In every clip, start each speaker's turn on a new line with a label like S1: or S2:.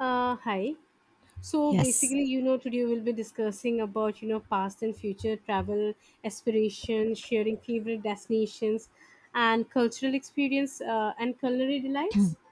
S1: Hi. So
S2: Yes.
S1: basically, you know, today we'll be discussing about, you know, past and future travel aspirations, sharing favorite destinations, and cultural experience and culinary delights.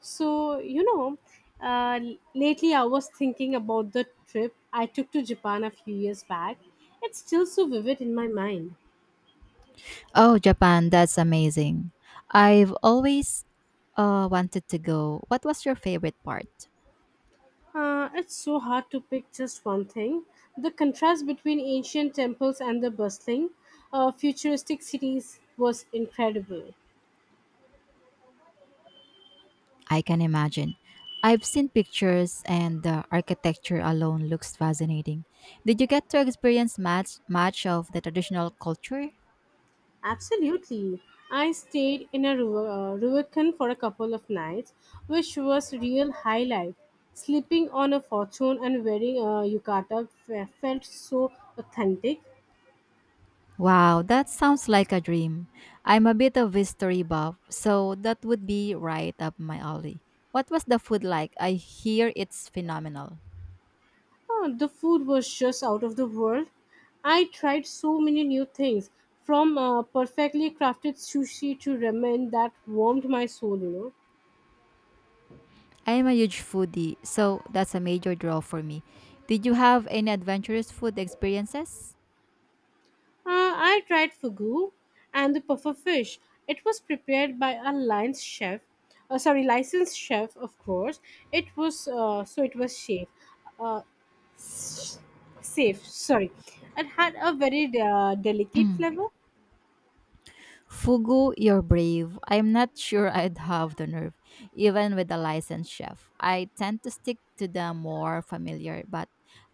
S1: So, you know, uh, Lately I was thinking about the trip I took to Japan a few years back. It's still so vivid in my mind.
S2: Oh, Japan, that's amazing. I've always wanted to go. What was your favorite part?
S1: It's so hard to pick just one thing. The contrast between ancient temples and the bustling, futuristic cities was incredible.
S2: I can imagine. I've seen pictures and the architecture alone looks fascinating. Did you get to experience much of the traditional culture?
S1: Absolutely. I stayed in a Ruacán for a couple of nights, which was real highlight. Sleeping on a fortune and wearing a yukata felt so authentic.
S2: Wow, that sounds like a dream. I'm a bit of history buff, so that would be right up my alley. What was the food like? I hear it's phenomenal.
S1: Oh, the food was just out of the world. I tried so many new things, from perfectly crafted sushi to ramen that warmed my soul.
S2: I am a huge foodie, so that's a major draw for me. Did you have any adventurous food experiences?
S1: I tried fugu and the puffer fish. It was prepared by a lion's chef, sorry, licensed chef, of course. It was, so it was safe. Uh, safe, sorry. It had a very delicate flavor.
S2: Fugu, you're brave. I'm not sure I'd have the nerve, even with a licensed chef. I tend to stick to the more familiar, but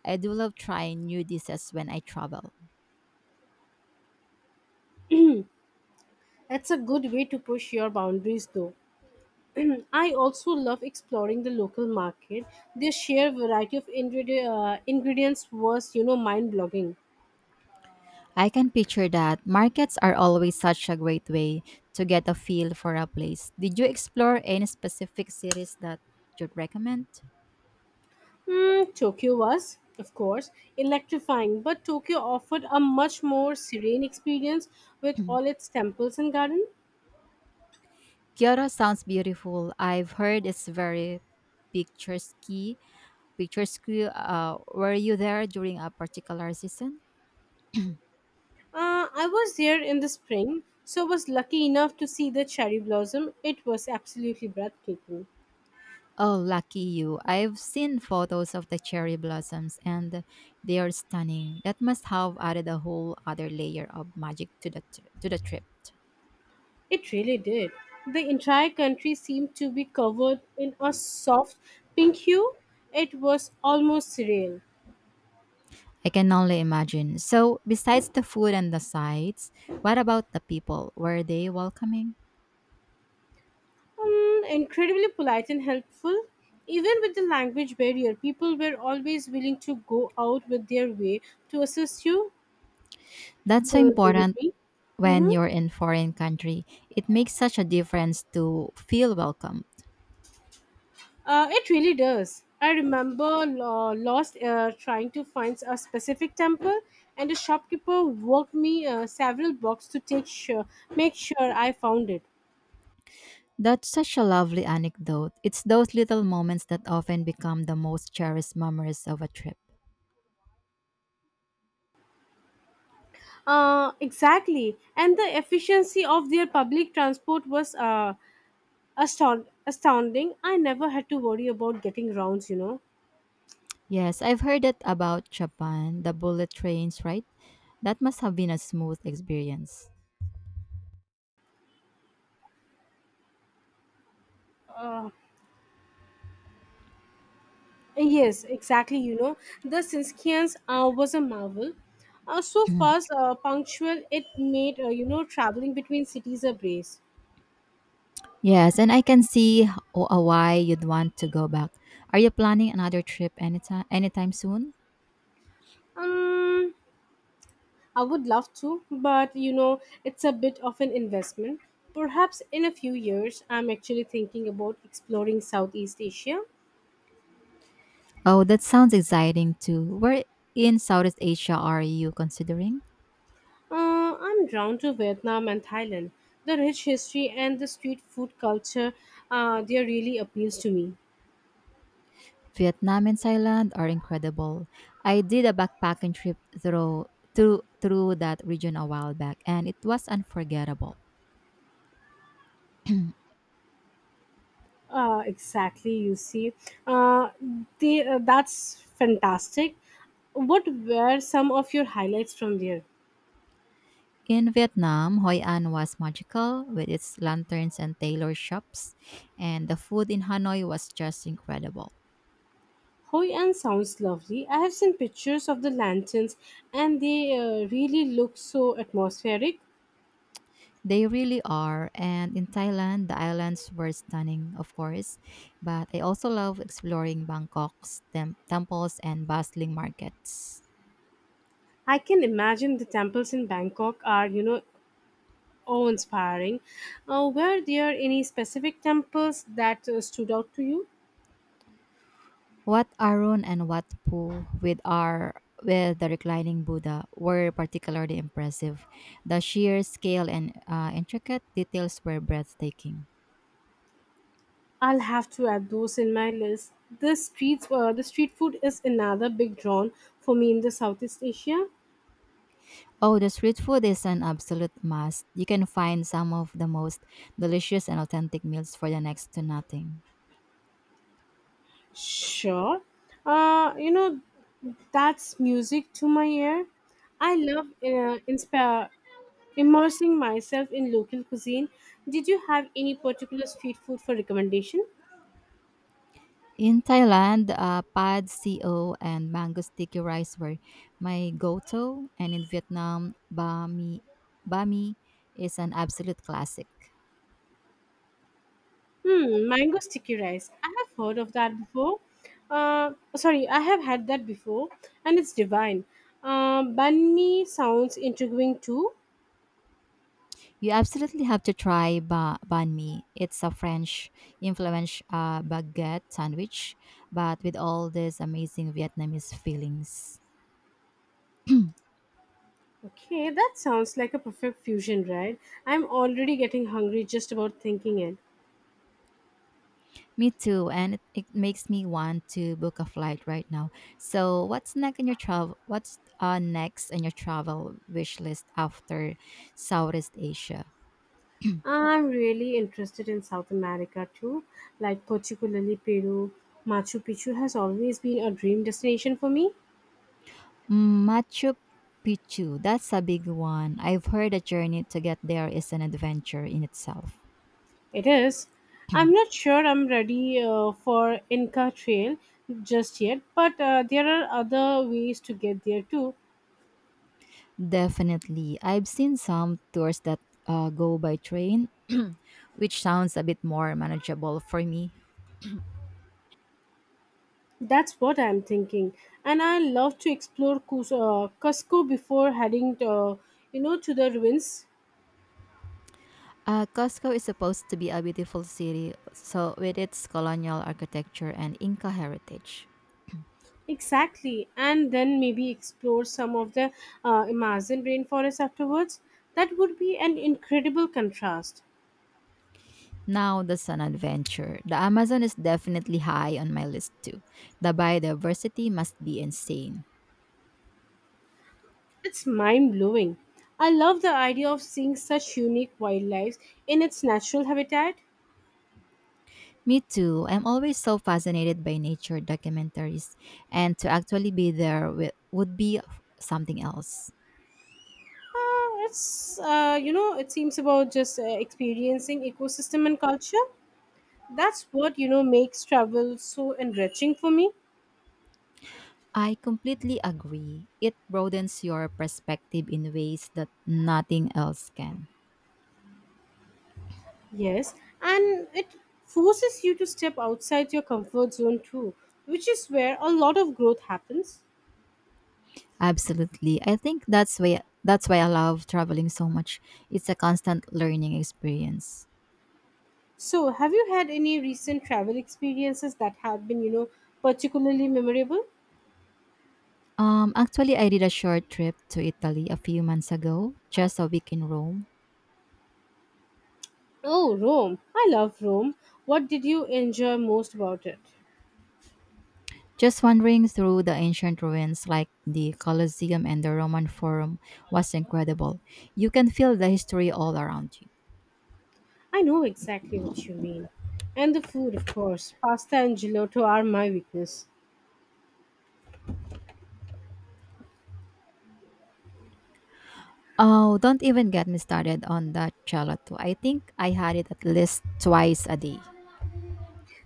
S2: I do love trying new dishes when I travel.
S1: That's a good way to push your boundaries, though. I also love exploring the local market. The sheer variety of ingredients was, you know, mind-blogging.
S2: I can picture that. Markets are always such a great way to get a feel for a place. Did you explore any specific cities that you'd recommend?
S1: Mm, Tokyo was, of course, electrifying, but Tokyo offered a much more serene experience with all its temples and gardens.
S2: Kyoto sounds beautiful. I've heard it's very picturesque. Picturesque. Were you there during a particular season?
S1: I was there in the spring, so was lucky enough to see the cherry blossom. It was absolutely breathtaking.
S2: Oh, lucky you. I've seen photos of the cherry blossoms and they are stunning. That must have added a whole other layer of magic to to the trip.
S1: It really did. The entire country seemed to be covered in a soft pink hue. It was almost surreal.
S2: I can only imagine. So, besides the food and the sights, what about the people? Were they welcoming?
S1: Incredibly polite and helpful. Even with the language barrier, people were always willing to go out with their way to assist you.
S2: That's so
S1: So, did
S2: important
S1: it.
S2: when
S1: Mm-hmm.
S2: you're in foreign country. It makes such a difference to feel welcome.
S1: It really does. I remember lost trying to find a specific temple, and the shopkeeper walked me several blocks to take sure, make sure I found it.
S2: That's such a lovely anecdote. It's those little moments that often become the most cherished memories of a trip.
S1: Exactly. And the efficiency of their public transport was astounding. I never had to worry about getting rounds.
S2: Yes, I've heard it about Japan, the bullet trains, right? That must have been a smooth experience.
S1: Uh, yes, exactly. You know, the Sinskians was a marvel. So fast, punctual, it made, you know, traveling between cities a breeze.
S2: Yes, and I can see why you'd want to go back. Are you planning another trip anytime soon?
S1: Um, I would love to, but you know, it's a bit of an investment. Perhaps in a few years, I'm actually thinking about exploring Southeast Asia.
S2: Oh, that sounds exciting too. Where in Southeast Asia are you considering?
S1: I'm drawn to Vietnam and Thailand. The rich history and the street food culture, they really appeals to me.
S2: Vietnam and Thailand are incredible. I did a backpacking trip through that region a while back, and it was unforgettable.
S1: Exactly, you see. Uh, they, that's fantastic. What were some of your highlights from there?
S2: In Vietnam, Hoi An was magical with its lanterns and tailor shops, and the food in Hanoi was just incredible.
S1: Hoi An sounds lovely. I have seen pictures of the lanterns and they really look so atmospheric.
S2: They really are. And in Thailand, the islands were stunning, of course, but I also love exploring Bangkok's temples and bustling markets.
S1: I can imagine the temples in Bangkok are, you know, oh, inspiring. Were there any specific temples that stood out to you?
S2: Wat Arun and Wat Pu with our with the reclining Buddha were particularly impressive. The sheer scale and intricate details were breathtaking.
S1: I'll have to add those in my list. The streets, the street food is another big drawn for me in the Southeast Asia.
S2: Oh, the street food is an absolute must. You can find some of the most delicious and authentic meals for the next to nothing.
S1: Sure. Uh, you know, that's music to my ear. I love immersing myself in local cuisine. Did you have any particular street food for recommendation?
S2: In Thailand, pad co and mango sticky rice were my go-to, and in Vietnam, bami is an absolute classic.
S1: Hmm, mango sticky rice. I have heard of that before. Sorry, I have had that before, and it's divine. Banh mi sounds intriguing too.
S2: You absolutely have to try banh mi. It's a French influenced baguette sandwich, but with all these amazing Vietnamese fillings.
S1: Okay, that sounds like a perfect fusion, right? I'm already getting hungry just about thinking it.
S2: Me too, and it makes me want to book a flight right now. What's next on your travel wish list after Southeast Asia?
S1: I'm really interested in South America too, like particularly Peru. Machu Picchu has always been a dream destination for me.
S2: Mm, Machu Picchu. That's a big one. I've heard the journey to get there is an adventure in itself.
S1: It is. I'm not sure I'm ready for Inca Trail just yet, but there are other ways to get there too.
S2: Definitely, I've seen some tours that go by train, which sounds a bit more manageable for me.
S1: That's what I'm thinking. And I love to explore Cusco before heading to, you know, to the ruins.
S2: Costco is supposed to be a beautiful city, so with its colonial architecture and Inca heritage.
S1: Exactly. And then maybe explore some of the Amazon rainforest afterwards. That would be an incredible contrast.
S2: Now the sun adventure. The Amazon is definitely high on my list too. The biodiversity must be insane.
S1: It's mind blowing. I love the idea of seeing such unique wildlife in its natural habitat.
S2: Me too. I'm always so fascinated by nature documentaries, and to actually be there would be something else.
S1: It's you know it seems about just experiencing ecosystem and culture. That's what you know makes travel so enriching for me.
S2: I completely agree. It broadens your perspective in ways that nothing else can.
S1: Yes, and it forces you to step outside your comfort zone too, which is where a lot of growth happens.
S2: Absolutely. I think that's why I love traveling so much. It's a constant learning experience.
S1: So, have you had any recent travel experiences that have been you know particularly memorable?
S2: Actually, I did a short trip to Italy a few months ago, just a week in Rome.
S1: Oh, Rome. I love Rome. What did you enjoy most about it?
S2: Just wandering through the ancient ruins like the Colosseum and the Roman Forum was incredible. You can feel the history all around you.
S1: I know exactly what you mean. And the food, of course. Pasta and gelato are my weakness.
S2: Oh, don't even get me started on that gelato. I think I had it at least twice a day.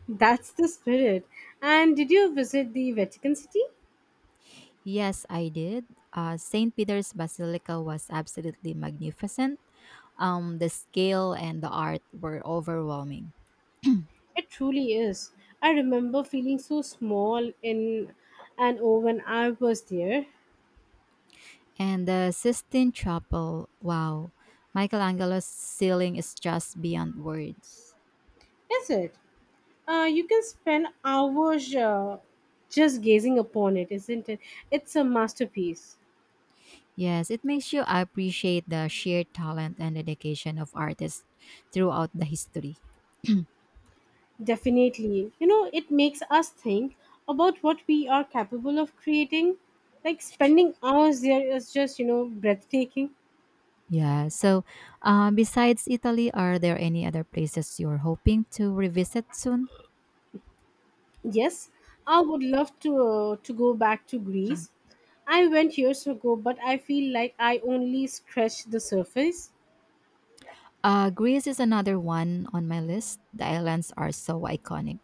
S1: That's the spirit. And did you visit the Vatican City?
S2: Yes, I did. St. Peter's Basilica was absolutely magnificent. The scale and the art were overwhelming.
S1: It truly is. I remember feeling so small in and oh when I was there.
S2: And the Sistine Chapel, wow, Michelangelo's ceiling is just beyond words.
S1: Is it? You can spend hours just gazing upon it, isn't it? It's a masterpiece.
S2: Yes, it makes you appreciate the sheer talent and dedication of artists throughout the history.
S1: Definitely. You know, it makes us think about what we are capable of creating. Like spending hours there is just, you know, breathtaking.
S2: Yeah. So, besides Italy, are there any other places you're hoping to revisit soon?
S1: Yes, I would love to go back to Greece. I went years ago, but I feel like I only scratched the surface.
S2: Greece is another one on my list. The islands are so iconic.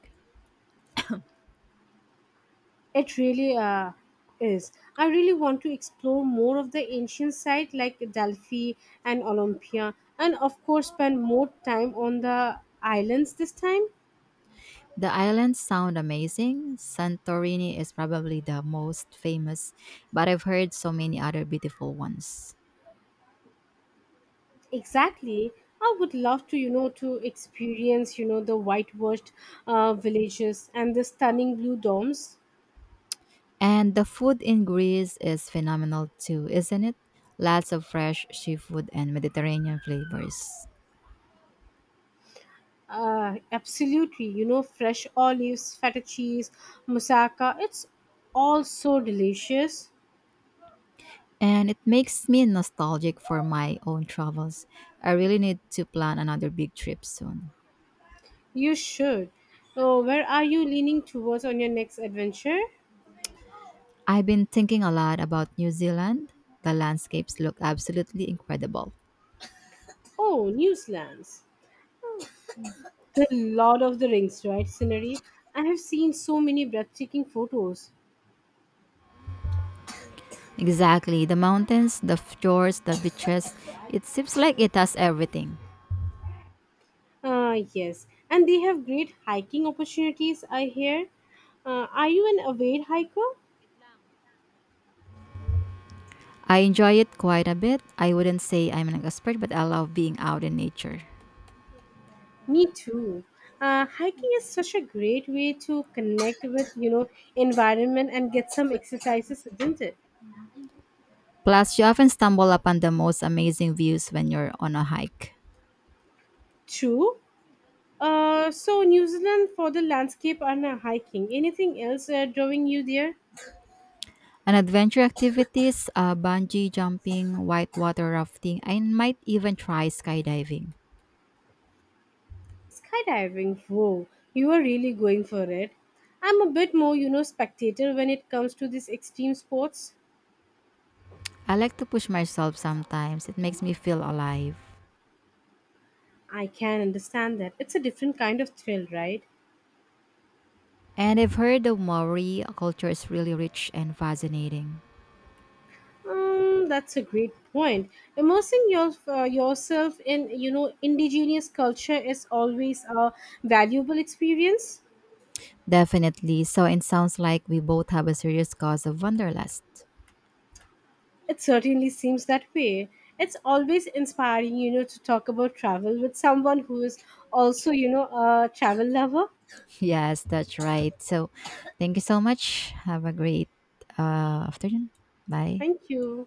S1: It really is. I really want to explore more of the ancient site like Delphi and Olympia, and of course, spend more time on the islands this time.
S2: The islands sound amazing. Santorini is probably the most famous, but I've heard so many other beautiful ones.
S1: Exactly. I would love to, you know, to experience, you know, the whitewashed villages and the stunning blue domes.
S2: And the food in Greece is phenomenal too, isn't it? Lots of fresh seafood and Mediterranean flavors.
S1: Absolutely, you know, fresh olives, feta cheese, moussaka. It's all so delicious.
S2: And it makes me nostalgic for my own travels. I really need to plan another big trip soon.
S1: You should. Oh, where are you leaning towards on your next adventure?
S2: I've been thinking a lot about New Zealand. The landscapes look absolutely incredible.
S1: Oh, New Zealand's. The Lord of the Rings, right, scenery? I have seen so many breathtaking photos.
S2: Exactly, the mountains, the fjords, the beaches. It seems like it has everything.
S1: Yes, and they have great hiking opportunities, I hear. Are you an avid hiker?
S2: I enjoy it quite a bit. I wouldn't say I'm an expert, but I love being out in nature.
S1: Me too. Hiking is such a great way to connect with, you know, environment and get some exercises, isn't it?
S2: Plus, you often stumble upon the most amazing views when you're on a hike.
S1: True. So New Zealand for the landscape and hiking. Anything else drawing you there?
S2: And adventure activities, bungee jumping, whitewater rafting. I might even try skydiving.
S1: Skydiving. Whoa, you are really going for it. I'm a bit more, you know, spectator when it comes to these extreme sports.
S2: I like to push myself sometimes. It makes me feel alive.
S1: I can understand that. It's a different kind of thrill, right?
S2: And I've heard the Maori culture is really rich and fascinating.
S1: That's a great point. Immersing your, yourself in, you know, indigenous culture is always a valuable experience.
S2: Definitely. So it sounds like we both have a serious cause of wanderlust.
S1: It certainly seems that way. It's always inspiring, you know, to talk about travel with someone who is also, you know, a travel lover.
S2: Yes, that's right. So thank you so much. Have a great afternoon. Bye.
S1: Thank you.